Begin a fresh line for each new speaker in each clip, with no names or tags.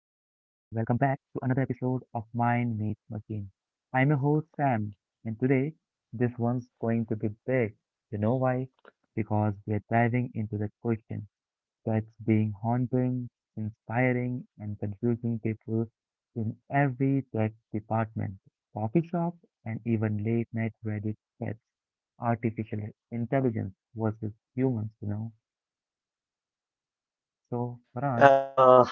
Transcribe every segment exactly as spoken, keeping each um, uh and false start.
welcome back to another episode of Mind Meets Machine. I'm your host Sam, and today this one's going to be big. You know why? Because we're diving into the question that's being haunting, inspiring, and confusing people in every tech department, coffee shop, and even late night Reddit chats. Artificial intelligence versus humans, you know. So, Farhan,
Uh,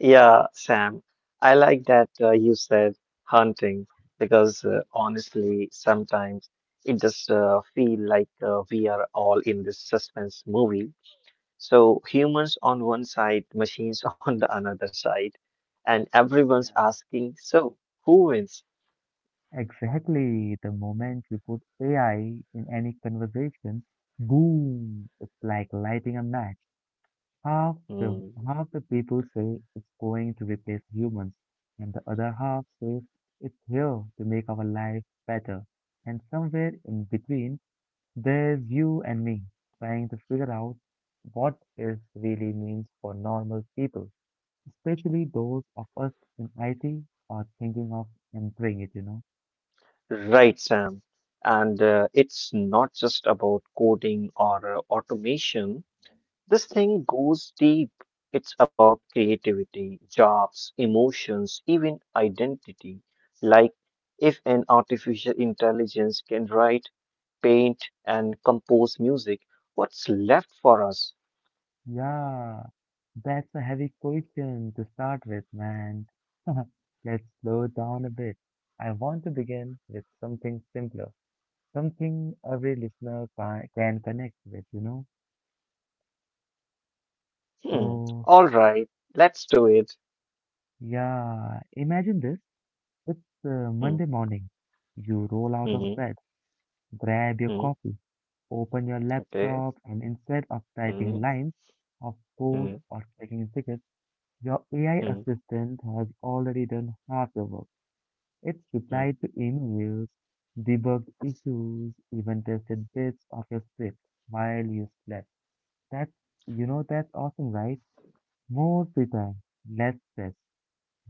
yeah, Sam, I like that uh, you said hunting because uh, honestly, sometimes it just uh, feel like uh, we are all in this suspense movie. So humans on one side, machines on the another side, and everyone's asking, so who wins?
Exactly. The moment you put A I in any conversation, boom, it's like lighting a match. Half the
Hmm.
Half the people say it's going to replace humans, and the other half say it's here to make our life better. And somewhere in between, there's you and me trying to figure out what this really means for normal people, especially those of us in I T are thinking of entering it, you know.
Right, Sam. And uh, it's not just about coding or uh, automation. This thing goes deep. It's about creativity, jobs, emotions, even identity. Like if an artificial intelligence can write, paint, and compose music, what's left for us?
Yeah, that's a heavy question to start with, man. Let's slow down a bit. I want to begin with something simpler, something every listener ca- can connect with, you know?
Hmm.
So,
All right, let's do it.
yeah, imagine this. It's uh,
Hmm.
Monday morning. You roll out of
hmm
bed, grab your
hmm hmm,
coffee, open your
Okay.
laptop, and instead of
hmm
typing lines of
hmm
code or checking tickets, your A I
hmm
assistant has already done half the work. It's
hmm
replied to emails, debugged issues, even tested bits of your script while you slept. That You know that's awesome, right? More free time, less stress.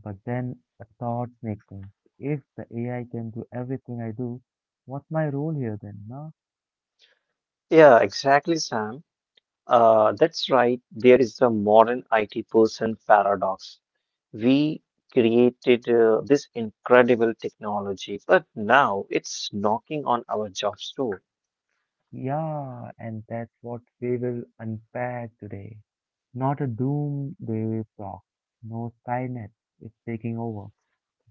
But then a thought sneaks in. If the A I can do everything I do, what's my role here then, no?
Yeah, exactly, Sam. Uh, that's right. There is a modern I T person paradox. We created uh, this incredible technology, but now it's knocking on our jobs door.
Yeah, and that's what we will unpack today. Not a doomsday talk, no Skynet, it's taking over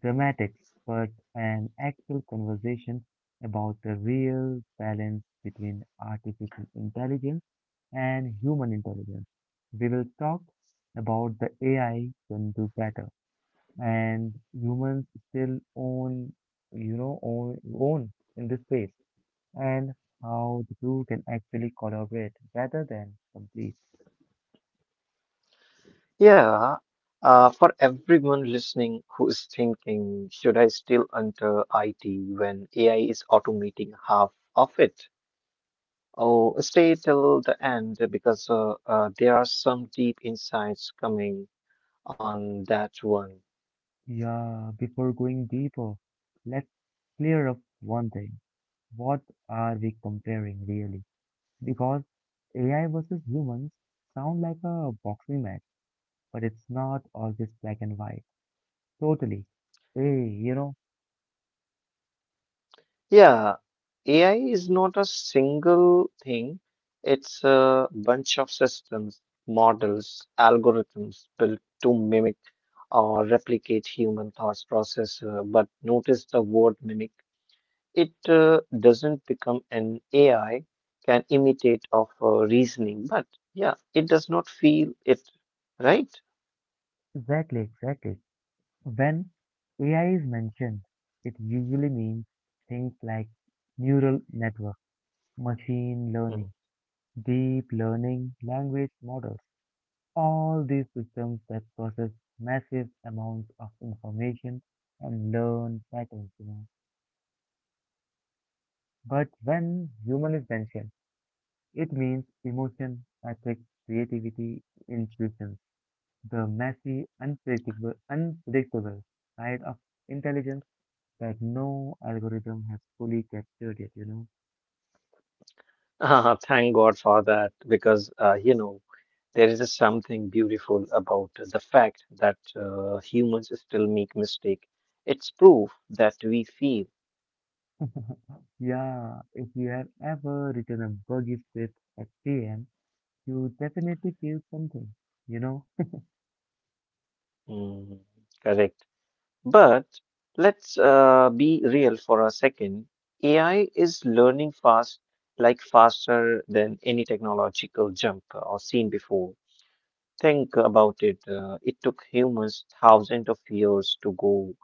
dramatics, but an actual conversation about the real balance between artificial intelligence and human intelligence. We will talk about the A I can do better and humans still own, you know, own, own in this space and how the two can actually collaborate rather than compete.
Yeah. Uh, for everyone listening who is thinking, should I still enter I T when A I is automating half of it? Oh, stay till the end because uh, uh, there are some deep insights coming on that one.
Yeah, before going deeper, let's clear up one thing. What are we comparing really? Because A I versus humans sound like a boxing match, but it's not always black and white. Totally. Hey, you know,
Yeah, A I is not a single thing. It's a bunch of systems, models, algorithms built to mimic or replicate human thought process. Uh, but notice the word mimic. It uh, doesn't become an A I, can imitate of uh, reasoning, but yeah, it does not feel it, right?
exactly, exactly. When A I is mentioned, it usually means things like neural network, machine
Hmm.
learning, deep learning, language models, all these systems that process massive amounts of information and learn patterns, you know. But when human is mentioned, it means emotion, ethics, creativity, intuitions, the messy, unpredictable, unpredictable side of intelligence that no algorithm has fully captured yet, you know.
Ah, thank God for that, because uh, you know there is just something beautiful about the fact that uh, humans still make mistake. It's proof that we feel.
Yeah, if you have ever written a buggy script at P M, you definitely feel something, you know.
Mm, correct. But let's uh, be real for a second. A I is learning fast, like faster than any technological jump uh, or seen before. Think about it. Uh, it took humans thousands of years to go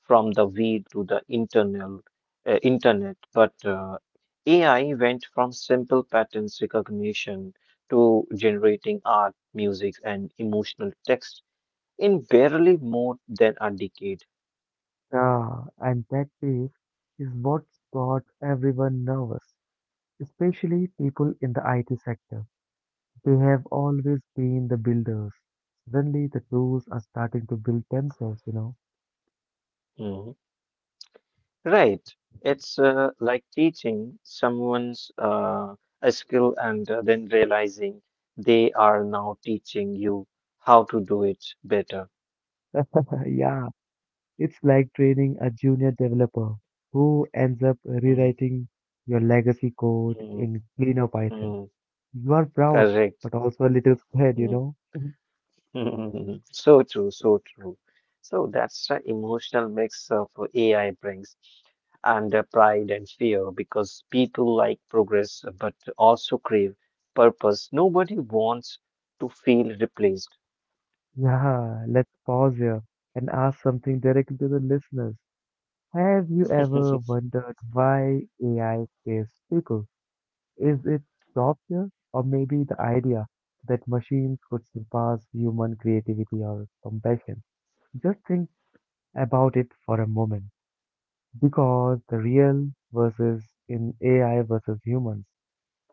from the weed to the internal uh, internet, but uh, A I went from simple patterns recognition to generating art, music, and emotional text in barely more than a decade.
Yeah, and that pace is what's got everyone nervous, especially people in the I T sector. They have always been the builders. Suddenly, the tools are starting to build themselves, you know.
Hmm. Right. It's uh, like teaching someone's uh, a skill and uh, then realizing they are now teaching you how to do it better.
Yeah, it's like training a junior developer who ends up
Mm,
rewriting your legacy code
mm,
in cleaner Python.
mm,
You are proud,
correct.
but also a little scared, you
Mm.
know.
So true, so true. So that's the emotional mix of A I brings and uh, pride and fear because people like progress uh, but also crave purpose. Nobody wants to feel replaced.
Yeah, let's pause here and ask something directly to the listeners. Have you ever wondered why A I saves people? Is it software or maybe the idea that machines could surpass human creativity or compassion? Just think about it for a moment because the real versus in A I versus humans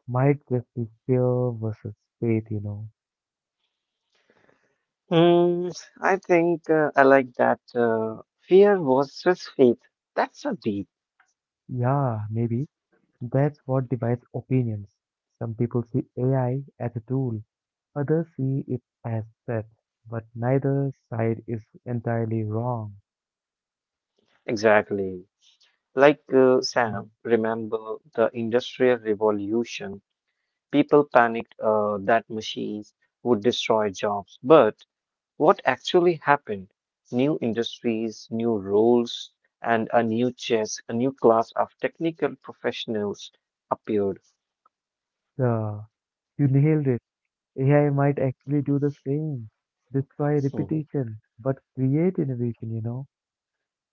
might just be fear versus faith, you know.
Hmm, I think uh, I like that. Uh, fear versus faith. That's a deep,
Yeah, maybe. That's what divides opinions. Some people see A I as a tool, others see it as threat, but neither side is entirely wrong.
exactly. Like uh,
Mm.
Sam, remember the Industrial Revolution? People panicked uh, that machines would destroy jobs. But what actually happened? New industries, new roles, and a new chess, a new class of technical professionals appeared.
Yeah, you nailed it. A I might actually do the same, destroy
Mm-hmm.
repetition, but create innovation, you know?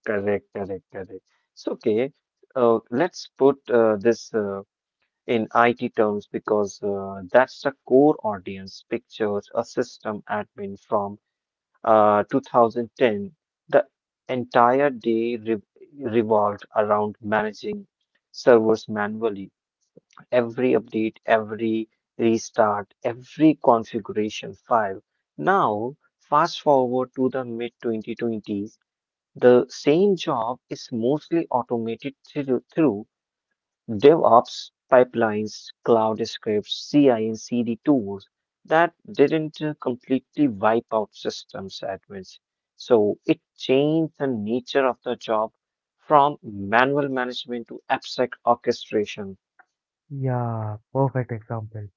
Correct, correct, correct. So, okay, uh, let's put uh, this uh, in I T terms because uh, that's the core audience pictures a system admin from uh, two thousand ten. The entire day re revolved around managing servers manually. Every update, every restart, every configuration file. Now, fast forward to the mid twenty twenties, the same job is mostly automated through, through DevOps pipelines, cloud scripts, C I and C D tools that didn't uh, completely wipe out systems admins. So it changed the nature of the job from manual management to abstract orchestration.
Yeah, perfect example.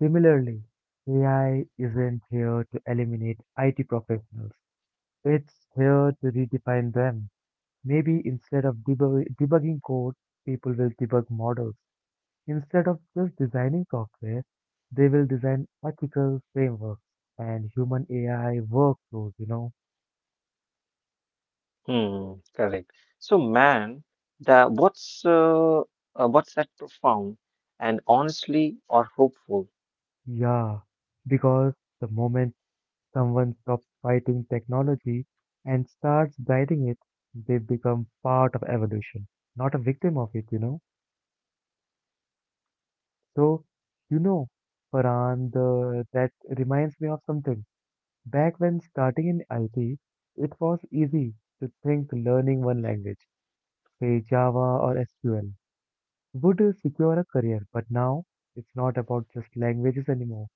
Similarly, A I isn't here to eliminate I T professionals. It's here to redefine them. Maybe instead of debug- debugging code, people will debug models. Instead of just designing software, they will design ethical frameworks and human A I workflows, you know?
Hmm, correct. So man, the what's uh, uh, what's that profound and honestly or hopeful?
Yeah, because the moment someone stops fighting technology and starts guiding it, they become part of evolution, not a victim of it, you know? So, you know, Farhan, the, that reminds me of something. Back when starting in I T, it was easy to think learning one language, say Java or S Q L, would secure a career. But now it's not about just languages anymore.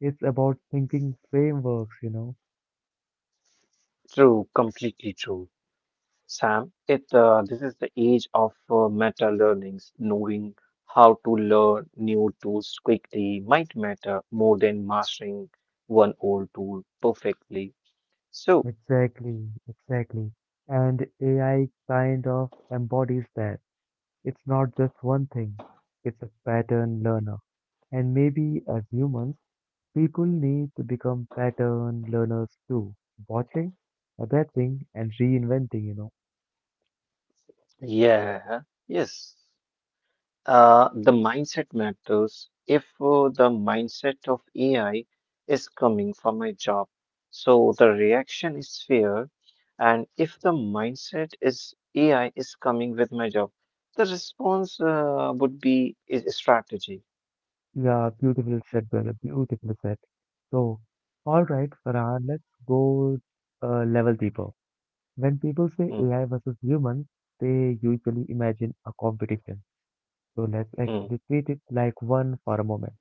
It's about thinking frameworks, you know.
True, completely true. Sam, it uh, this is the age of uh, meta learnings. Knowing how to learn new tools quickly might matter more than mastering one old tool perfectly. So,
Exactly, exactly. And A I kind of embodies that. It's not just one thing, it's a pattern learner. And maybe as humans, people need to become pattern learners too, watching, adapting, and reinventing, you know.
yeah, yes. Uh, the mindset matters. If uh, the mindset of A I is coming for my job, so the reaction is fear. And if the mindset is A I is coming with my job, the response uh, would be is strategy.
Yeah, beautiful said, brother. Beautiful said. So, all right, Farhan, let's go a level deeper. When people say
Hmm,
A I versus humans, they usually imagine a competition. So, let's
hmm,
actually treat it like one for a moment.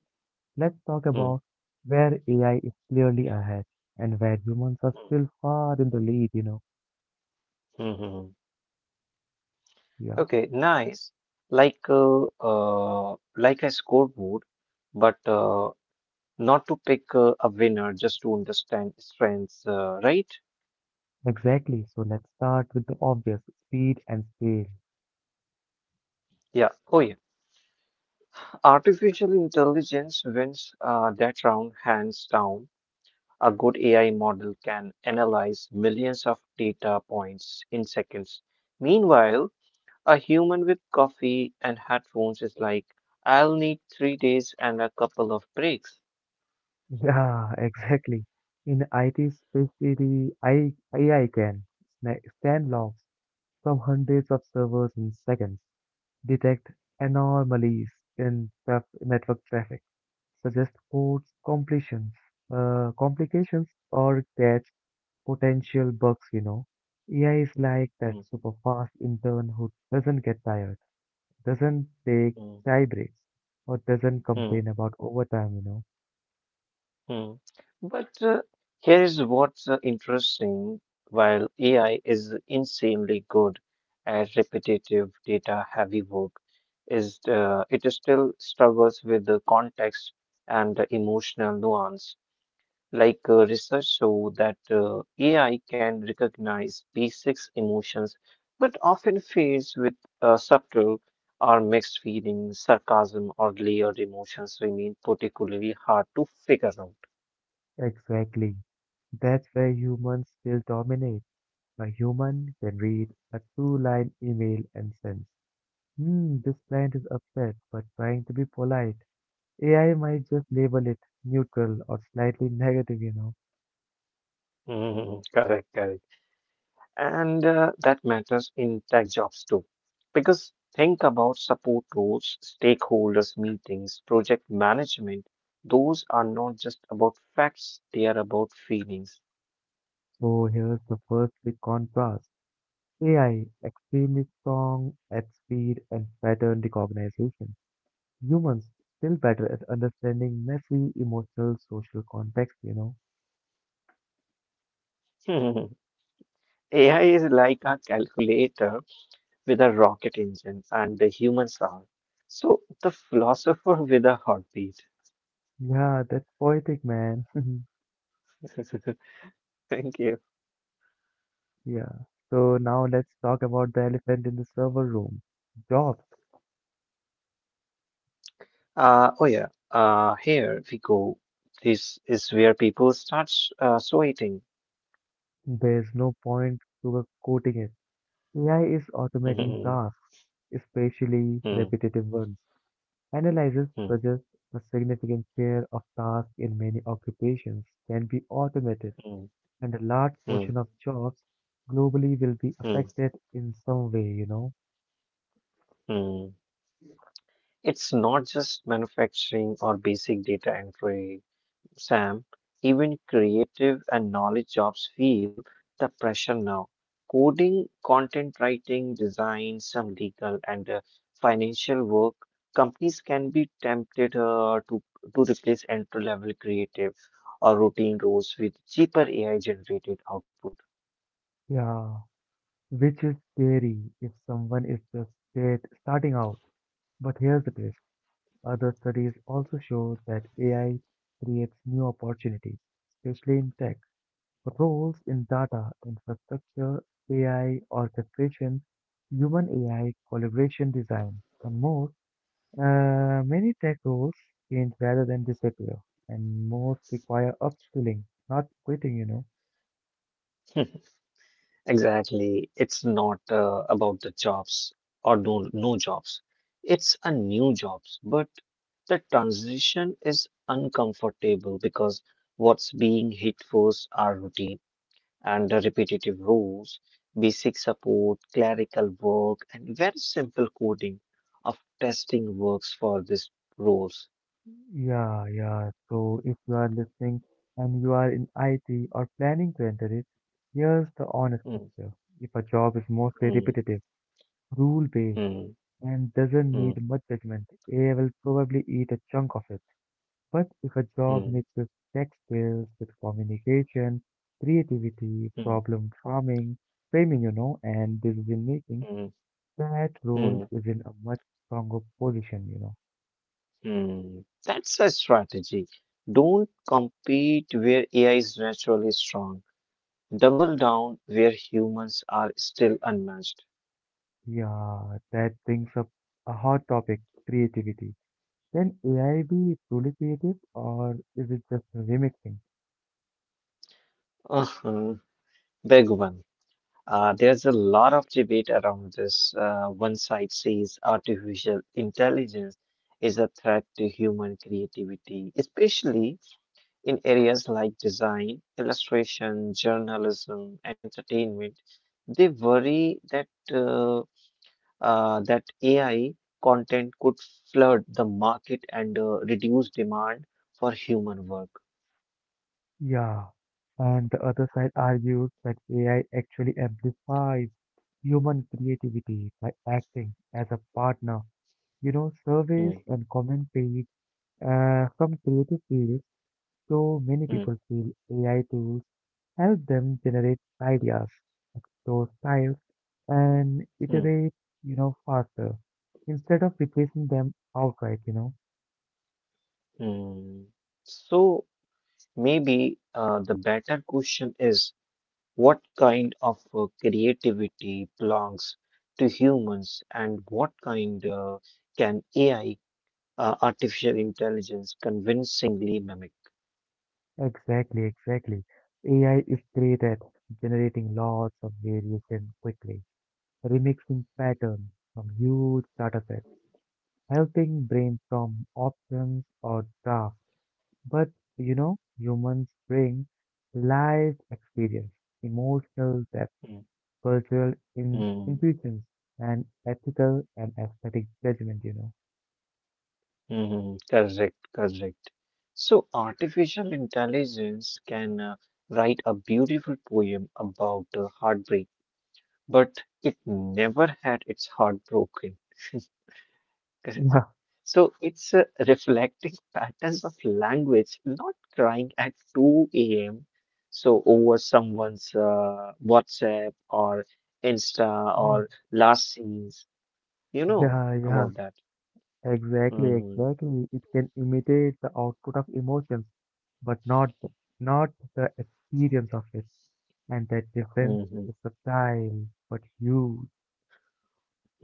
Let's talk
hmm,
about where A I is clearly ahead and where humans are
hmm,
still far in the lead, you know.
hmm. hmm.
Yeah.
Okay, nice. Like uh, uh, like a scoreboard, but uh, not to pick uh, a winner, just to understand strengths, uh, right?
Exactly. So let's start with the obvious, speed and scale.
Yeah. Oh, yeah. Artificial intelligence wins uh, that round hands down. A good A I model can analyze millions of data points in seconds. Meanwhile, a human with coffee and headphones is like, I'll need three days and a couple of breaks.
Yeah, exactly. In I T, especially I, A I can sna- scan logs from hundreds of servers in seconds, detect anomalies in traf- network traffic, suggest codes completions, uh, complications, or catch potential bugs. You know, A I is like that
Mm,
super fast intern who doesn't get tired, doesn't take
mm,
tie breaks or doesn't complain
mm.
about overtime, you know.
Hmm. But uh, here is what's uh, interesting. While A I is insanely good at repetitive data-heavy work, is uh, it is still struggles with the context and the emotional nuance. Like uh, research show that uh, A I can recognize basic emotions, but often fails with uh, subtle or mixed feelings, sarcasm, or layered emotions remain particularly hard to figure out.
Exactly. That's where humans still dominate. A human can read a two line email and sense, hmm, this client is upset but trying to be polite. A I might just label it neutral or slightly negative, you know.
Mm, correct, correct. And uh, that matters in tech jobs too. Because think about support roles, stakeholders meetings, project management. Those are not just about facts, they are about feelings.
So here's the first big contrast: A I, extremely strong at speed and pattern recognition. Humans still better at understanding messy emotional social context, you know.
A I is like a calculator with a rocket engine, and the humans are. So the philosopher with a heartbeat.
Yeah, that's poetic, man.
Thank you.
Yeah. So now let's talk about the elephant in the server room. Jobs.
Uh, oh yeah, uh, here we go. This is where people start s- uh, sweating.
There's no point to quoting it. A I is automating tasks,
Mm,
especially
mm,
repetitive ones. Analysis
mm,
suggests a significant share of tasks in many occupations can be automated,
mm,
and a large
mm,
portion of jobs globally will be
mm,
affected in some way, you know.
mm. It's not just manufacturing or basic data entry. Sam, even creative and knowledge jobs feel the pressure now. Coding, content writing, design, some legal and uh, financial work, companies can be tempted uh, to, to replace entry level creative or routine roles with cheaper A I generated output.
Yeah, which is scary if someone is just state starting out. But here's the twist. Other studies also show that A I creates new opportunities, especially in tech. Roles in data, infrastructure, A I, orchestration, human A I, collaboration design, and more. Uh, many tech roles change rather than disappear, and most require upskilling, not quitting, you know.
Exactly. It's not uh, about the jobs or no no jobs. It's a new jobs, but the transition is uncomfortable because what's being hit first are routine and the repetitive roles, basic support, clerical work, and very simple coding of testing works for these roles.
Yeah, yeah. So if you are listening and you are in I T or planning to enter it, here's the honest
Mm,
picture. If a job is mostly
mm,
repetitive, rule-based,
mm,
and doesn't
mm,
need much judgment, A I will probably eat a chunk of it. But if a job
mm,
mixes tech skills with communication, creativity,
mm,
problem farming, framing, you know, and decision making,
mm,
that role
mm.
is in a much stronger position, you know.
Hmm, that's a strategy. Don't compete where A I is naturally strong. Double down where humans are still unmatched.
Yeah, that brings up a hot topic, creativity. Can A I be truly creative or is it just remixing?
Uh-huh. Big one. Uh, there's a lot of debate around this. Uh, one side says artificial intelligence is a threat to human creativity, especially in areas like design, illustration, journalism, entertainment. They worry that uh, uh, that A I content could flood the market and uh, reduce demand for human work.
Yeah. And the other side argues that A I actually amplifies human creativity by acting as a partner. You know, surveys
Hmm,
and comment page, uh, some creative fields, so many
hmm,
people feel A I tools help them generate ideas, explore styles, and
hmm,
iterate, you know, faster instead of replacing them outright, you know.
hmm. So maybe uh, the better question is what kind of uh, creativity belongs to humans and what kind uh, can A I, uh, artificial intelligence, convincingly mimic?
Exactly, exactly. A I is great at generating lots of variation quickly, remixing patterns from huge data sets, helping brainstorm options or drafts. But, you know, humans bring life experience, emotional depth,
Hmm,
cultural in-
hmm.
intuitions, and ethical and aesthetic judgment, you know.
Mhm, correct, correct. So, artificial intelligence can uh, write a beautiful poem about uh, heartbreak, but it never had its heart broken. Correct.
Yeah.
So, it's uh, reflecting patterns of language, not crying at two a m. So, over someone's uh, WhatsApp or Insta
Mhm.
or last scenes, you know
Yeah, yeah,
about that.
exactly,
Mm-hmm.
exactly. It can imitate the output of emotions, but not not the experience of it. And that difference
Mm-hmm.
is subtle but huge.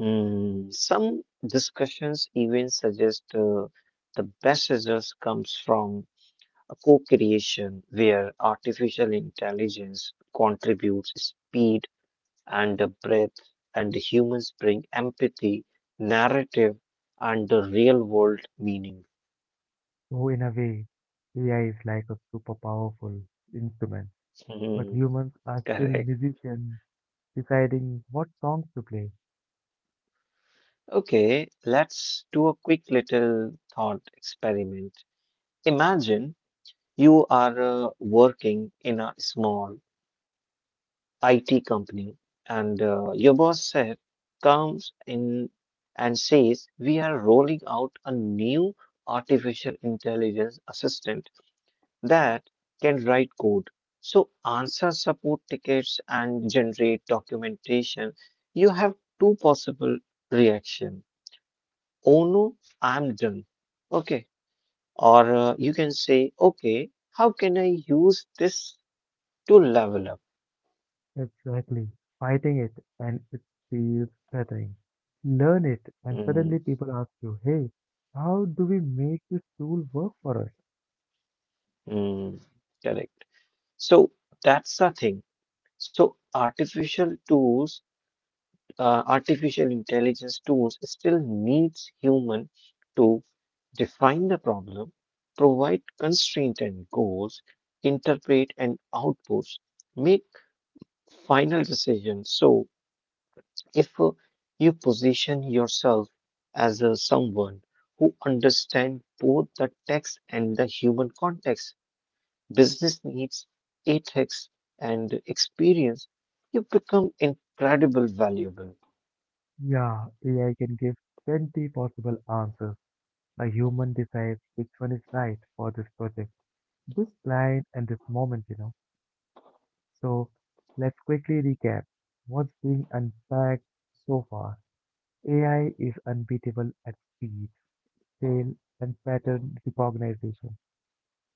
Mm, some discussions even suggest uh, the best results comes from a co-creation where artificial intelligence contributes speed and the breadth and the humans bring empathy, narrative and the real world meaning.
So in a way, A I is like a super powerful instrument, but
Mhm,
humans are still
correct.
musicians deciding what songs to play.
Okay, let's do a quick little thought experiment. Imagine you are uh, working in a small I T company, and uh, your boss said, comes in and says, we are rolling out a new artificial intelligence assistant that can write code. So, answer support tickets and generate documentation. You have two possible reaction. Oh no, I'm done. Okay. Or uh, you can say, okay, how can I use this to level up?
Exactly. Fighting it and it feels flattering. Learn it and
Mm,
suddenly people ask you, hey, how do we make this tool work for us?
mm, correct. So that's the thing. So artificial tools, uh, artificial intelligence tools still needs human to define the problem, provide constraint and goals, interpret and outputs, make final decisions. So if uh, you position yourself as uh, someone who understands both the text and the human context, business needs, ethics, and experience, you become incredibly valuable.
Yeah, A I can give twenty possible answers. A human decides which one is right for this project, this client and this moment, you know. So let's quickly recap what's being unpacked so far. A I is unbeatable at speed, scale and pattern recognition.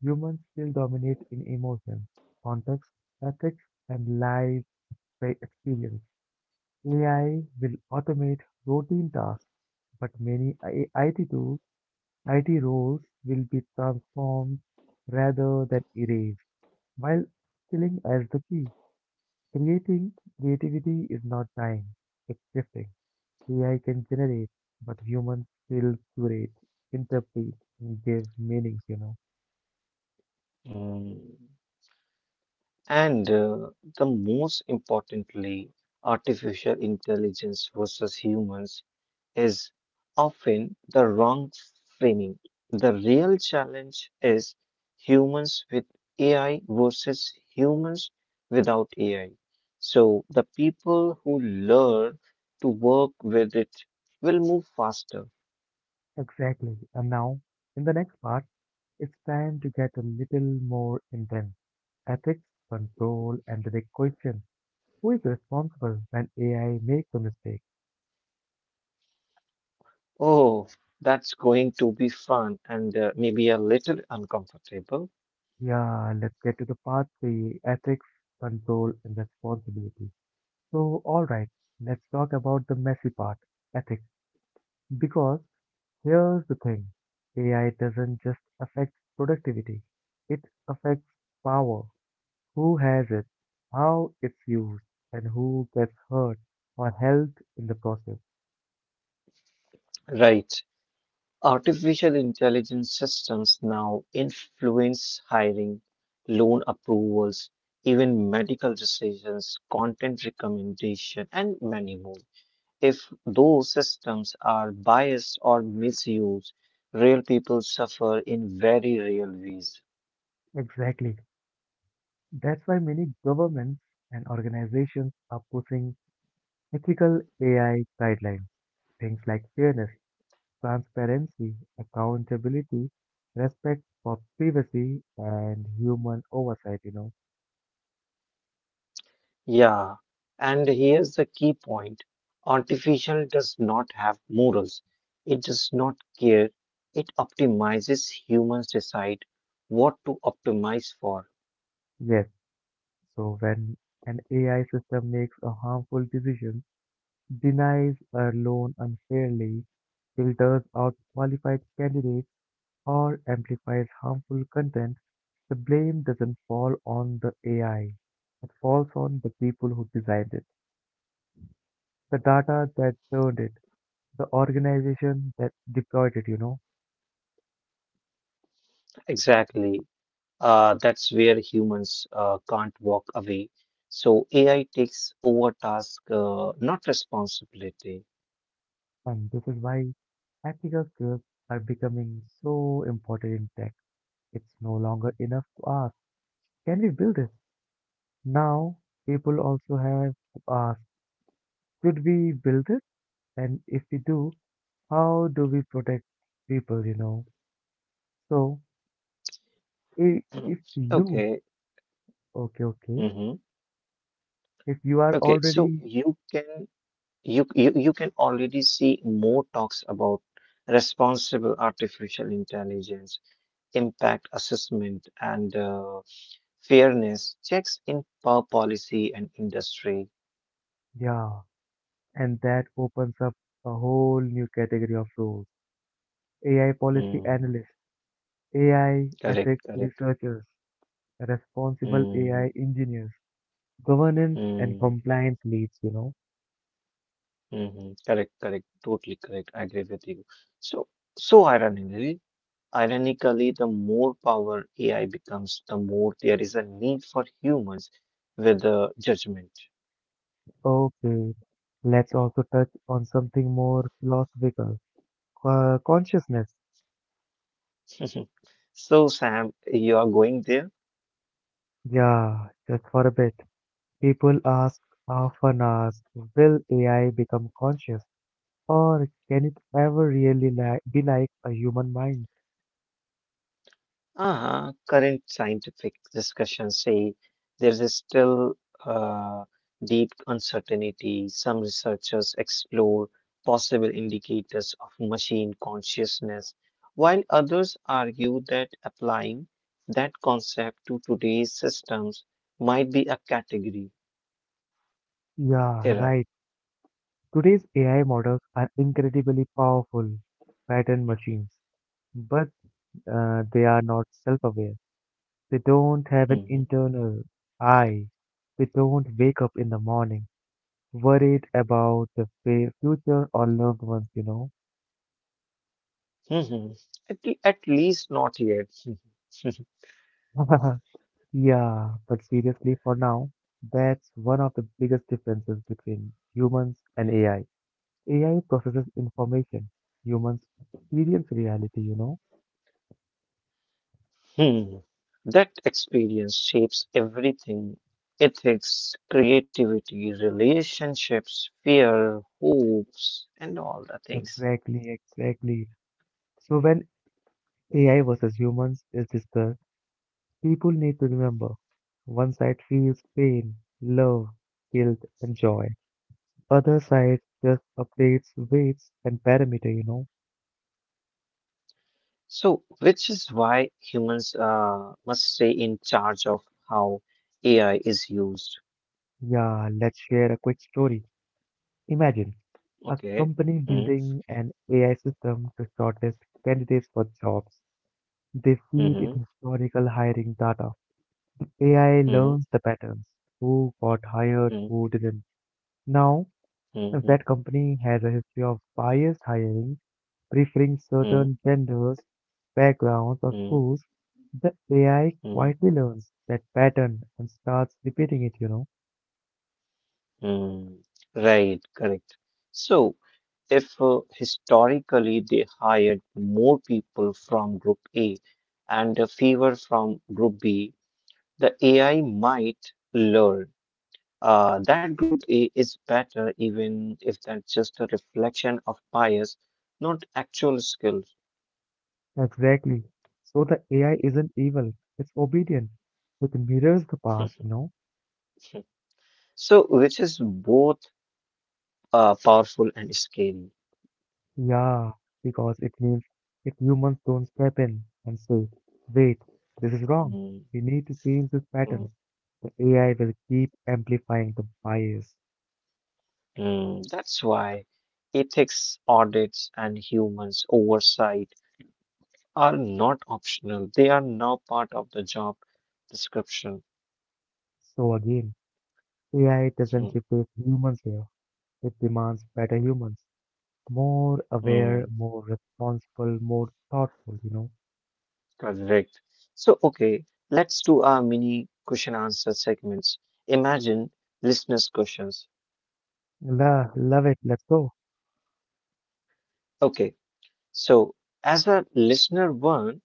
Humans still dominate in emotions, context, ethics, and life by experience. A I will automate routine tasks, but many I- IT tools, I T roles will be transformed rather than erased, while killing as the key. Creating Creativity is not dying, it's shifting. A I can generate, but humans still curate, interpret, and give meanings, you know.
Mm. And uh, the most importantly, artificial intelligence versus humans is often the wrong framing. The real challenge is humans with A I versus humans without A I. So the people who learn to work with it will move faster.
Exactly. And now, in the next part, it's time to get a little more intense. Ethics, control, and the big question. Who is responsible when A I makes a mistake?
Oh, that's going to be fun and uh, maybe a little uncomfortable,
Yeah, let's get to the part three: ethics, control, and responsibility. So, alright, let's talk about the messy part, ethics. Because here's the thing: A I doesn't just affect productivity, it affects power, who has it, how it's used, and who gets hurt or helped in the process.
right? Artificial intelligence systems now influence hiring, loan approvals, even medical decisions, content recommendation, and many more. If those systems are biased or misused, real people suffer in very real ways.
Exactly. That's why many governments and organizations are pushing ethical A I guidelines. Things like fairness, transparency, accountability, respect for privacy, and human oversight, you know.
Yeah, and here's the key point. Artificial does not have morals. It does not care. It optimizes humans' decide what to optimize for.
Yes, so when an A I system makes a harmful decision, denies a loan unfairly, filters out qualified candidates, or amplifies harmful content, the blame doesn't fall on the A I. It falls on the people who designed it, the data that turned it, the organization that deployed it, you know.
Exactly. Uh, that's where humans uh, can't walk away. So A I takes over task, uh, not responsibility.
And this is why ethical skills are becoming so important in tech. It's no longer enough to ask, can we build this? Now, people also have to ask, should we build this? And if we do, how do we protect people, you know? So, if, if you,
Okay.
okay, okay,
hmm
if you are
Okay. So
already,
you can you, you you can already see more talks about responsible artificial intelligence, impact assessment, and uh, fairness checks in per policy and industry.
yeah, And that opens up a whole new category of roles. A I policy
Mm,
analysts, A I
correct.
ethics
Correct.
researchers, responsible
Mm,
A I engineers, governance and
mm,
compliance leads, you know.
hmm Correct, correct, totally correct. I agree with you. So, so ironically, ironically, the more power A I becomes, the more there is a need for humans with the judgment.
Okay, let's also touch on something more philosophical, uh, consciousness.
So, Sam, you are going there?
Yeah, just for a bit. People ask often ask, will A I become conscious or can it ever really li- be like a human mind?
Uh-huh. Current scientific discussions say there is still uh, deep uncertainty. Some researchers explore possible indicators of machine consciousness, while others argue that applying that concept to today's systems might be a category
Yeah,
error.
right. Today's A I models are incredibly powerful pattern machines, but uh, they are not self-aware. They don't have an
Mhm.
internal I. They don't wake up in the morning worried about the fa- future or loved ones, you know.
Mhm. At, le- at least not yet.
Yeah, but seriously, for now, that's one of the biggest differences between humans and A I. A I processes information, humans experience reality, you know?
Hmm. That experience shapes everything ethics, creativity, relationships, fear, hopes, and all the things.
Exactly, exactly. So when A I versus humans is discussed, people need to remember one side feels pain, love, guilt, and joy. Other side just updates weights and parameter, you know?
So, which is why humans uh, must stay in charge of how A I is used.
Yeah, let's share a quick story. Imagine. A
Okay.
company
Mm-hmm.
building an A I system to shortlist candidates for jobs. They feed it
Mm-hmm.
historical hiring data. A I learns the patterns, who got hired, who didn't. Now, if
Mm-hmm.
that company has a history of biased hiring, preferring
Mm-hmm.
certain genders, backgrounds, or schools, the A I
Mm-hmm.
quietly learns that pattern and starts repeating it, you know.
Mm, right, correct. So, if uh, historically they hired more people from group A and uh, fewer from group B, the A I might learn uh, that group A is better, even if that's just a reflection of bias, not actual skills.
Exactly. So the A I isn't evil, it's obedient. It mirrors the past, you know.
So, which is both uh, powerful and scary.
Yeah, because it means if humans don't step in and say, wait, this is wrong,
Mm,
we need to change this
mm.
pattern, the A I will keep amplifying the bias.
Mm, that's why ethics audits and humans oversight are not optional. They are now part of the job description.
So again, A I doesn't
Mm,
replace humans here, it demands better humans, more aware,
mm,
more responsible, more thoughtful, you know.
Correct. So, okay, let's do our mini question answer segments. Imagine listeners' questions.
La, love it, let's go.
Okay, so as a listener one,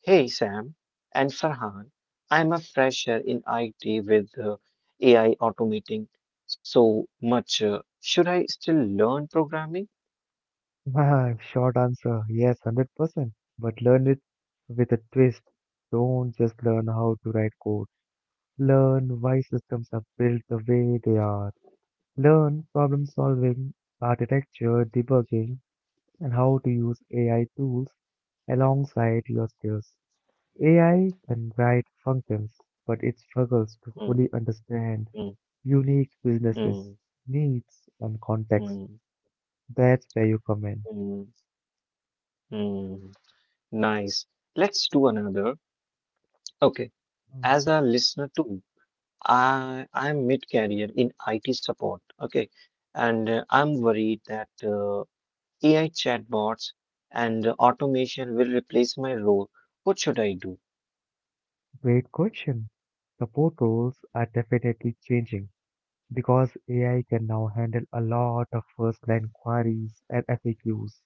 Hey Sam and Farhan, I'm a fresher in I T with uh, A I automating so much. Uh, should I still learn programming?
Short answer, yes, one hundred percent, but learn it with a twist. Don't just learn how to write code. Learn why systems are built the way they are. Learn problem solving, architecture, debugging, and how to use A I tools alongside your skills. A I can write functions, but it struggles to fully
Mm,
understand
mm,
unique businesses,
mm,
needs, and context.
mm,
That's where you come in.
mm, mm. Nice. Let's do another. Okay.
Mm.
As a listener too, I I'm mid-career in I T support. Okay, and uh, I'm worried that uh, A I chatbots and automation will replace my role. What should I do?
Great question. Support roles are definitely changing, because A I can now handle a lot of first line queries and F A Qs,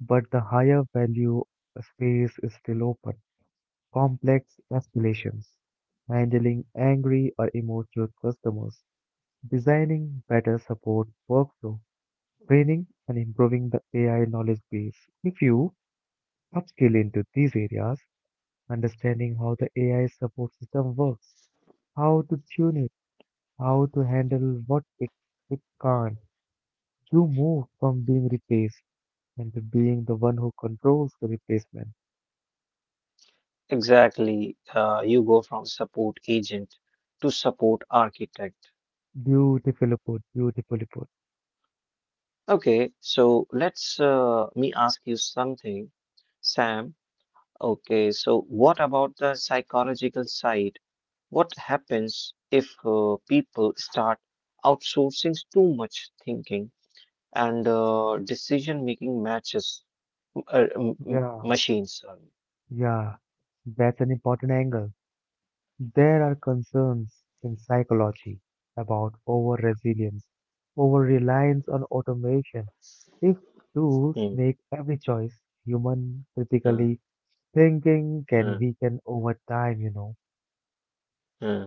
but the higher value space is still open. Complex escalations, handling angry or emotional customers, designing better support workflow, training and improving the A I knowledge base. If you upskill into these areas, understanding how the A I support system works, how to tune it, how to handle what it, it can't. You move from being replaced and to being the one who controls the replacement.
Exactly. Uh, you go from support agent to support architect.
Beautifully put, beautifully put.
Okay, so let's uh, me ask you something, Sam. Okay, so what about the psychological side? What happens if uh, people start outsourcing too much thinking and uh, decision making matches uh, m- m-
Yeah,
machines? Sorry.
yeah, that's an important angle. There are concerns in psychology about over resilience, over reliance on automation. If tools
Hmm,
make every choice, human
hmm,
critically thinking can
hmm,
weaken over time, you know.
hmm.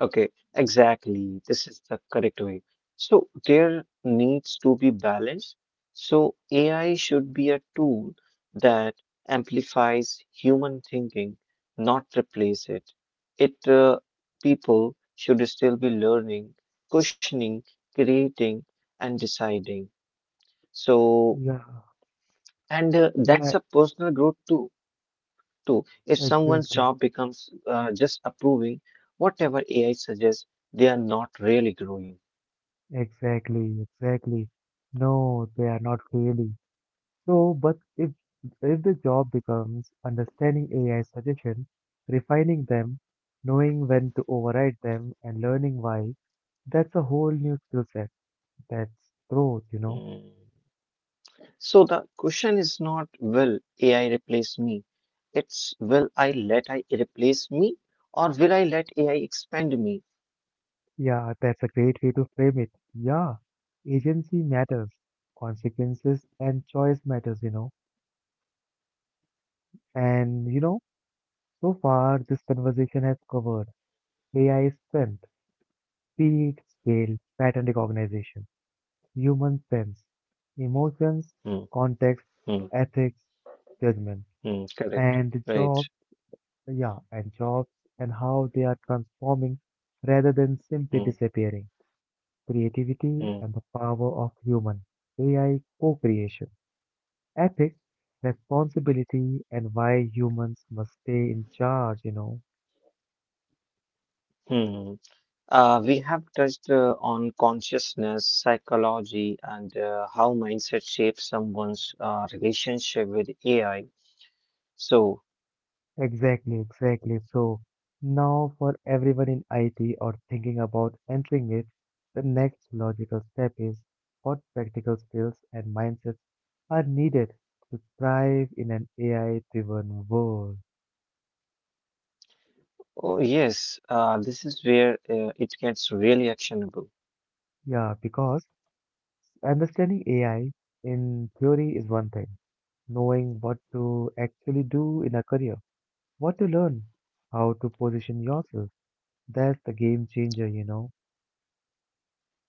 Okay, exactly. This is the correct way. So there needs to be balance. So A I should be a tool that amplifies human thinking, not replace it. It uh, People should still be learning, questioning, creating, and deciding. So
Yeah,
and uh, that's
yeah,
a personal growth too. Too. If someone's
exactly.
job becomes uh, just approving whatever A I suggests, they are not really growing.
Exactly, exactly. No, they are not really. So, but if if the job becomes understanding A I suggestions, refining them, knowing when to override them, and learning why, that's a whole new skill set. That's growth, you know.
Mm. So the question is not will A I replace me? It's will I let I replace me or will I let A I expand me?
Yeah, that's a great way to frame it. Yeah, agency matters, consequences and choice matters, you know. And you know, so far this conversation has covered A I strength. Speed, scale, pattern recognition, human sense, emotions,
Mm,
context,
mm,
ethics, judgment,
mm, Correct.
and
Right.
jobs, yeah, and jobs and how they are transforming rather than simply
Mm,
disappearing. Creativity
mm,
and the power of human A I co-creation. Ethics, responsibility, and why humans must stay in charge, you know.
mm. Uh, we have touched uh, on consciousness, psychology, and uh, how mindset shapes someone's uh, relationship with A I. So,
Exactly, exactly. So now for everyone in I T or thinking about entering it, the next logical step is what practical skills and mindsets are needed to thrive in an A I-driven world.
oh, yes, uh, this is where uh, it gets really actionable.
Yeah, because understanding A I in theory is one thing. Knowing what to actually do in a career, what to learn, how to position yourself. That's the game changer, you know.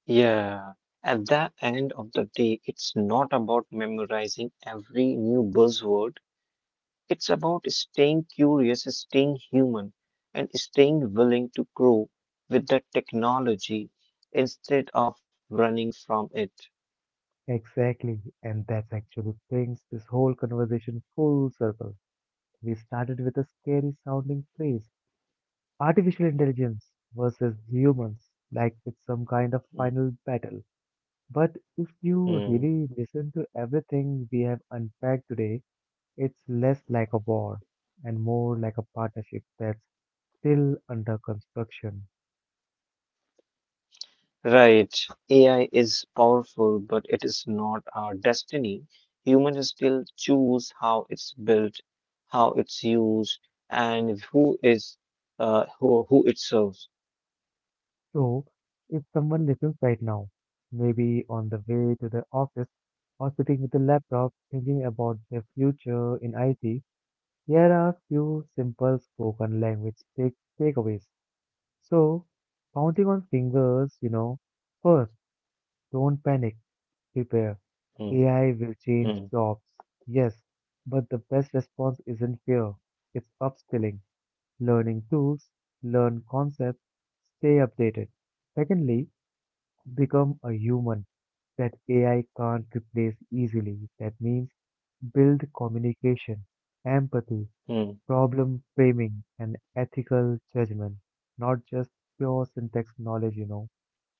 Yeah, at the end of the day, it's not about memorizing every new buzzword. It's about staying curious, staying human, and staying willing to grow with the technology instead of running from it.
Exactly, and that actually brings this whole conversation full circle. We started with a scary sounding phrase artificial intelligence versus humans, like with some kind of final battle. But if you
Mhm.
really listen to everything we have unpacked today, it's less like a war and more like a partnership that's still under construction.
Right. A I is powerful, but it is not our destiny. Humans still choose how it's built, how it's used, and who is uh, who who it serves.
So, if someone listens right now, maybe on the way to the office or sitting with a laptop thinking about their future in I T, here are a few simple spoken language take- takeaways. So, counting on fingers, you know, first, don't panic, prepare.
Mm,
A I will change
mm,
jobs, yes, but the best response isn't fear, it's upskilling, learning tools, learn concepts, stay updated. Secondly, become a human that A I can't replace easily. That means build communication, empathy,
mm,
problem framing, and ethical judgment, not just pure syntax knowledge, you know.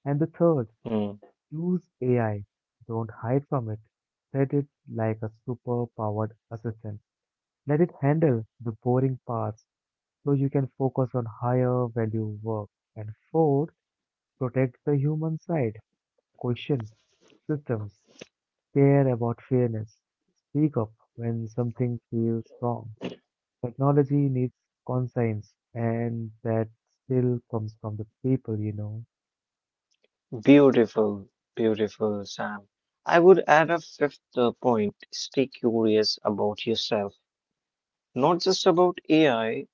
And the third,
mm.
use A I. Don't hide from it. Treat it like a super powered assistant. Let it handle the boring parts so you can focus on higher value work. And fourth, protect the human side. Question systems. Care about fairness. Speak up when something feels wrong. Technology needs conscience, and that still comes from the people, you know.
Beautiful, beautiful, Sam. I would add a fifth uh, point. Stay curious about yourself, not just about A I.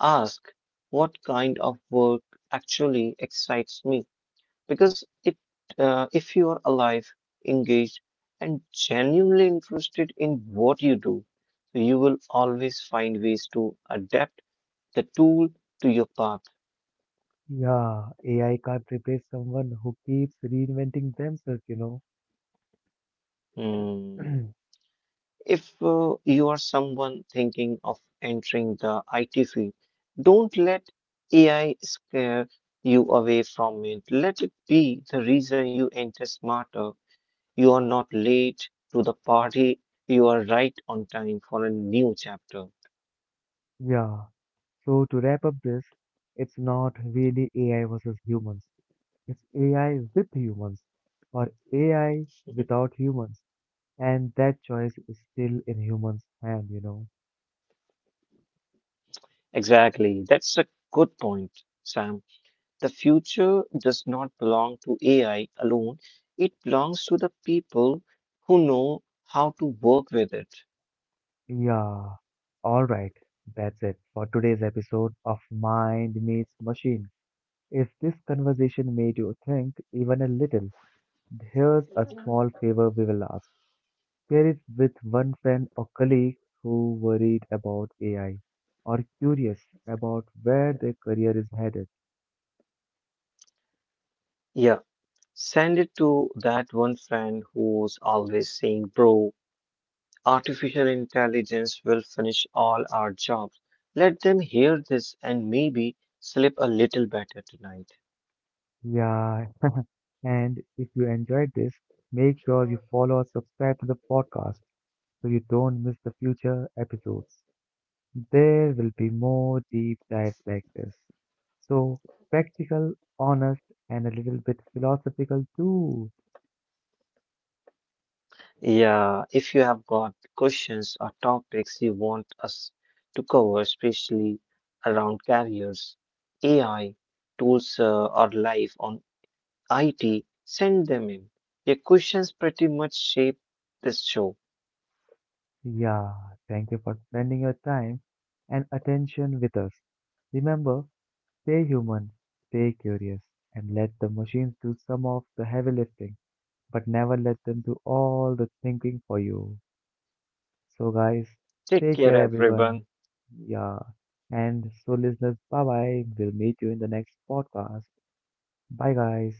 Ask what kind of work actually excites me. Because it, uh, if you are alive, engaged, and genuinely interested in what you do, you will always find ways to adapt the tool to your path.
Yeah, A I can't replace someone who keeps reinventing themselves, you know.
Mm. If uh, you are someone thinking of entering the I T field, don't let A I scare you away from it. Let it be the reason you enter smarter. You are not late to the party, you are right on time for a new chapter.
Yeah, so to wrap up this, it's not really A I versus humans. It's A I with humans or A I without humans. And that choice is still in humans' hand, you know.
Exactly. That's a good point, Sam. The future does not belong to A I alone, it belongs to the people who know how to work with it.
Yeah. All right. That's it for today's episode of Mind Meets Machine. If this conversation made you think even a little, here's a small favor we will ask. Share it with one friend or colleague who worried about A I or curious about where their career is headed.
Yeah. Send it to that one friend who's always saying, Bro, artificial intelligence will finish all our jobs. Let them hear this and maybe sleep a little better tonight.
Yeah. And if you enjoyed this, make sure you follow or subscribe to the podcast so you don't miss the future episodes. There will be more deep dives like this. So, practical, honest, and a little bit philosophical too.
Yeah, if you have got questions or topics you want us to cover, especially around careers, A I, tools, uh, or life on I T, send them in. Your questions pretty much shape this show.
Yeah, thank you for spending your time and attention with us. Remember, stay human, stay curious, and let the machines do some of the heavy lifting, but never let them do all the thinking for you. So, guys,
Take
take
care,
care, everyone.
everyone.
Yeah, and so, listeners, bye bye. We'll meet you in the next podcast. Bye, guys.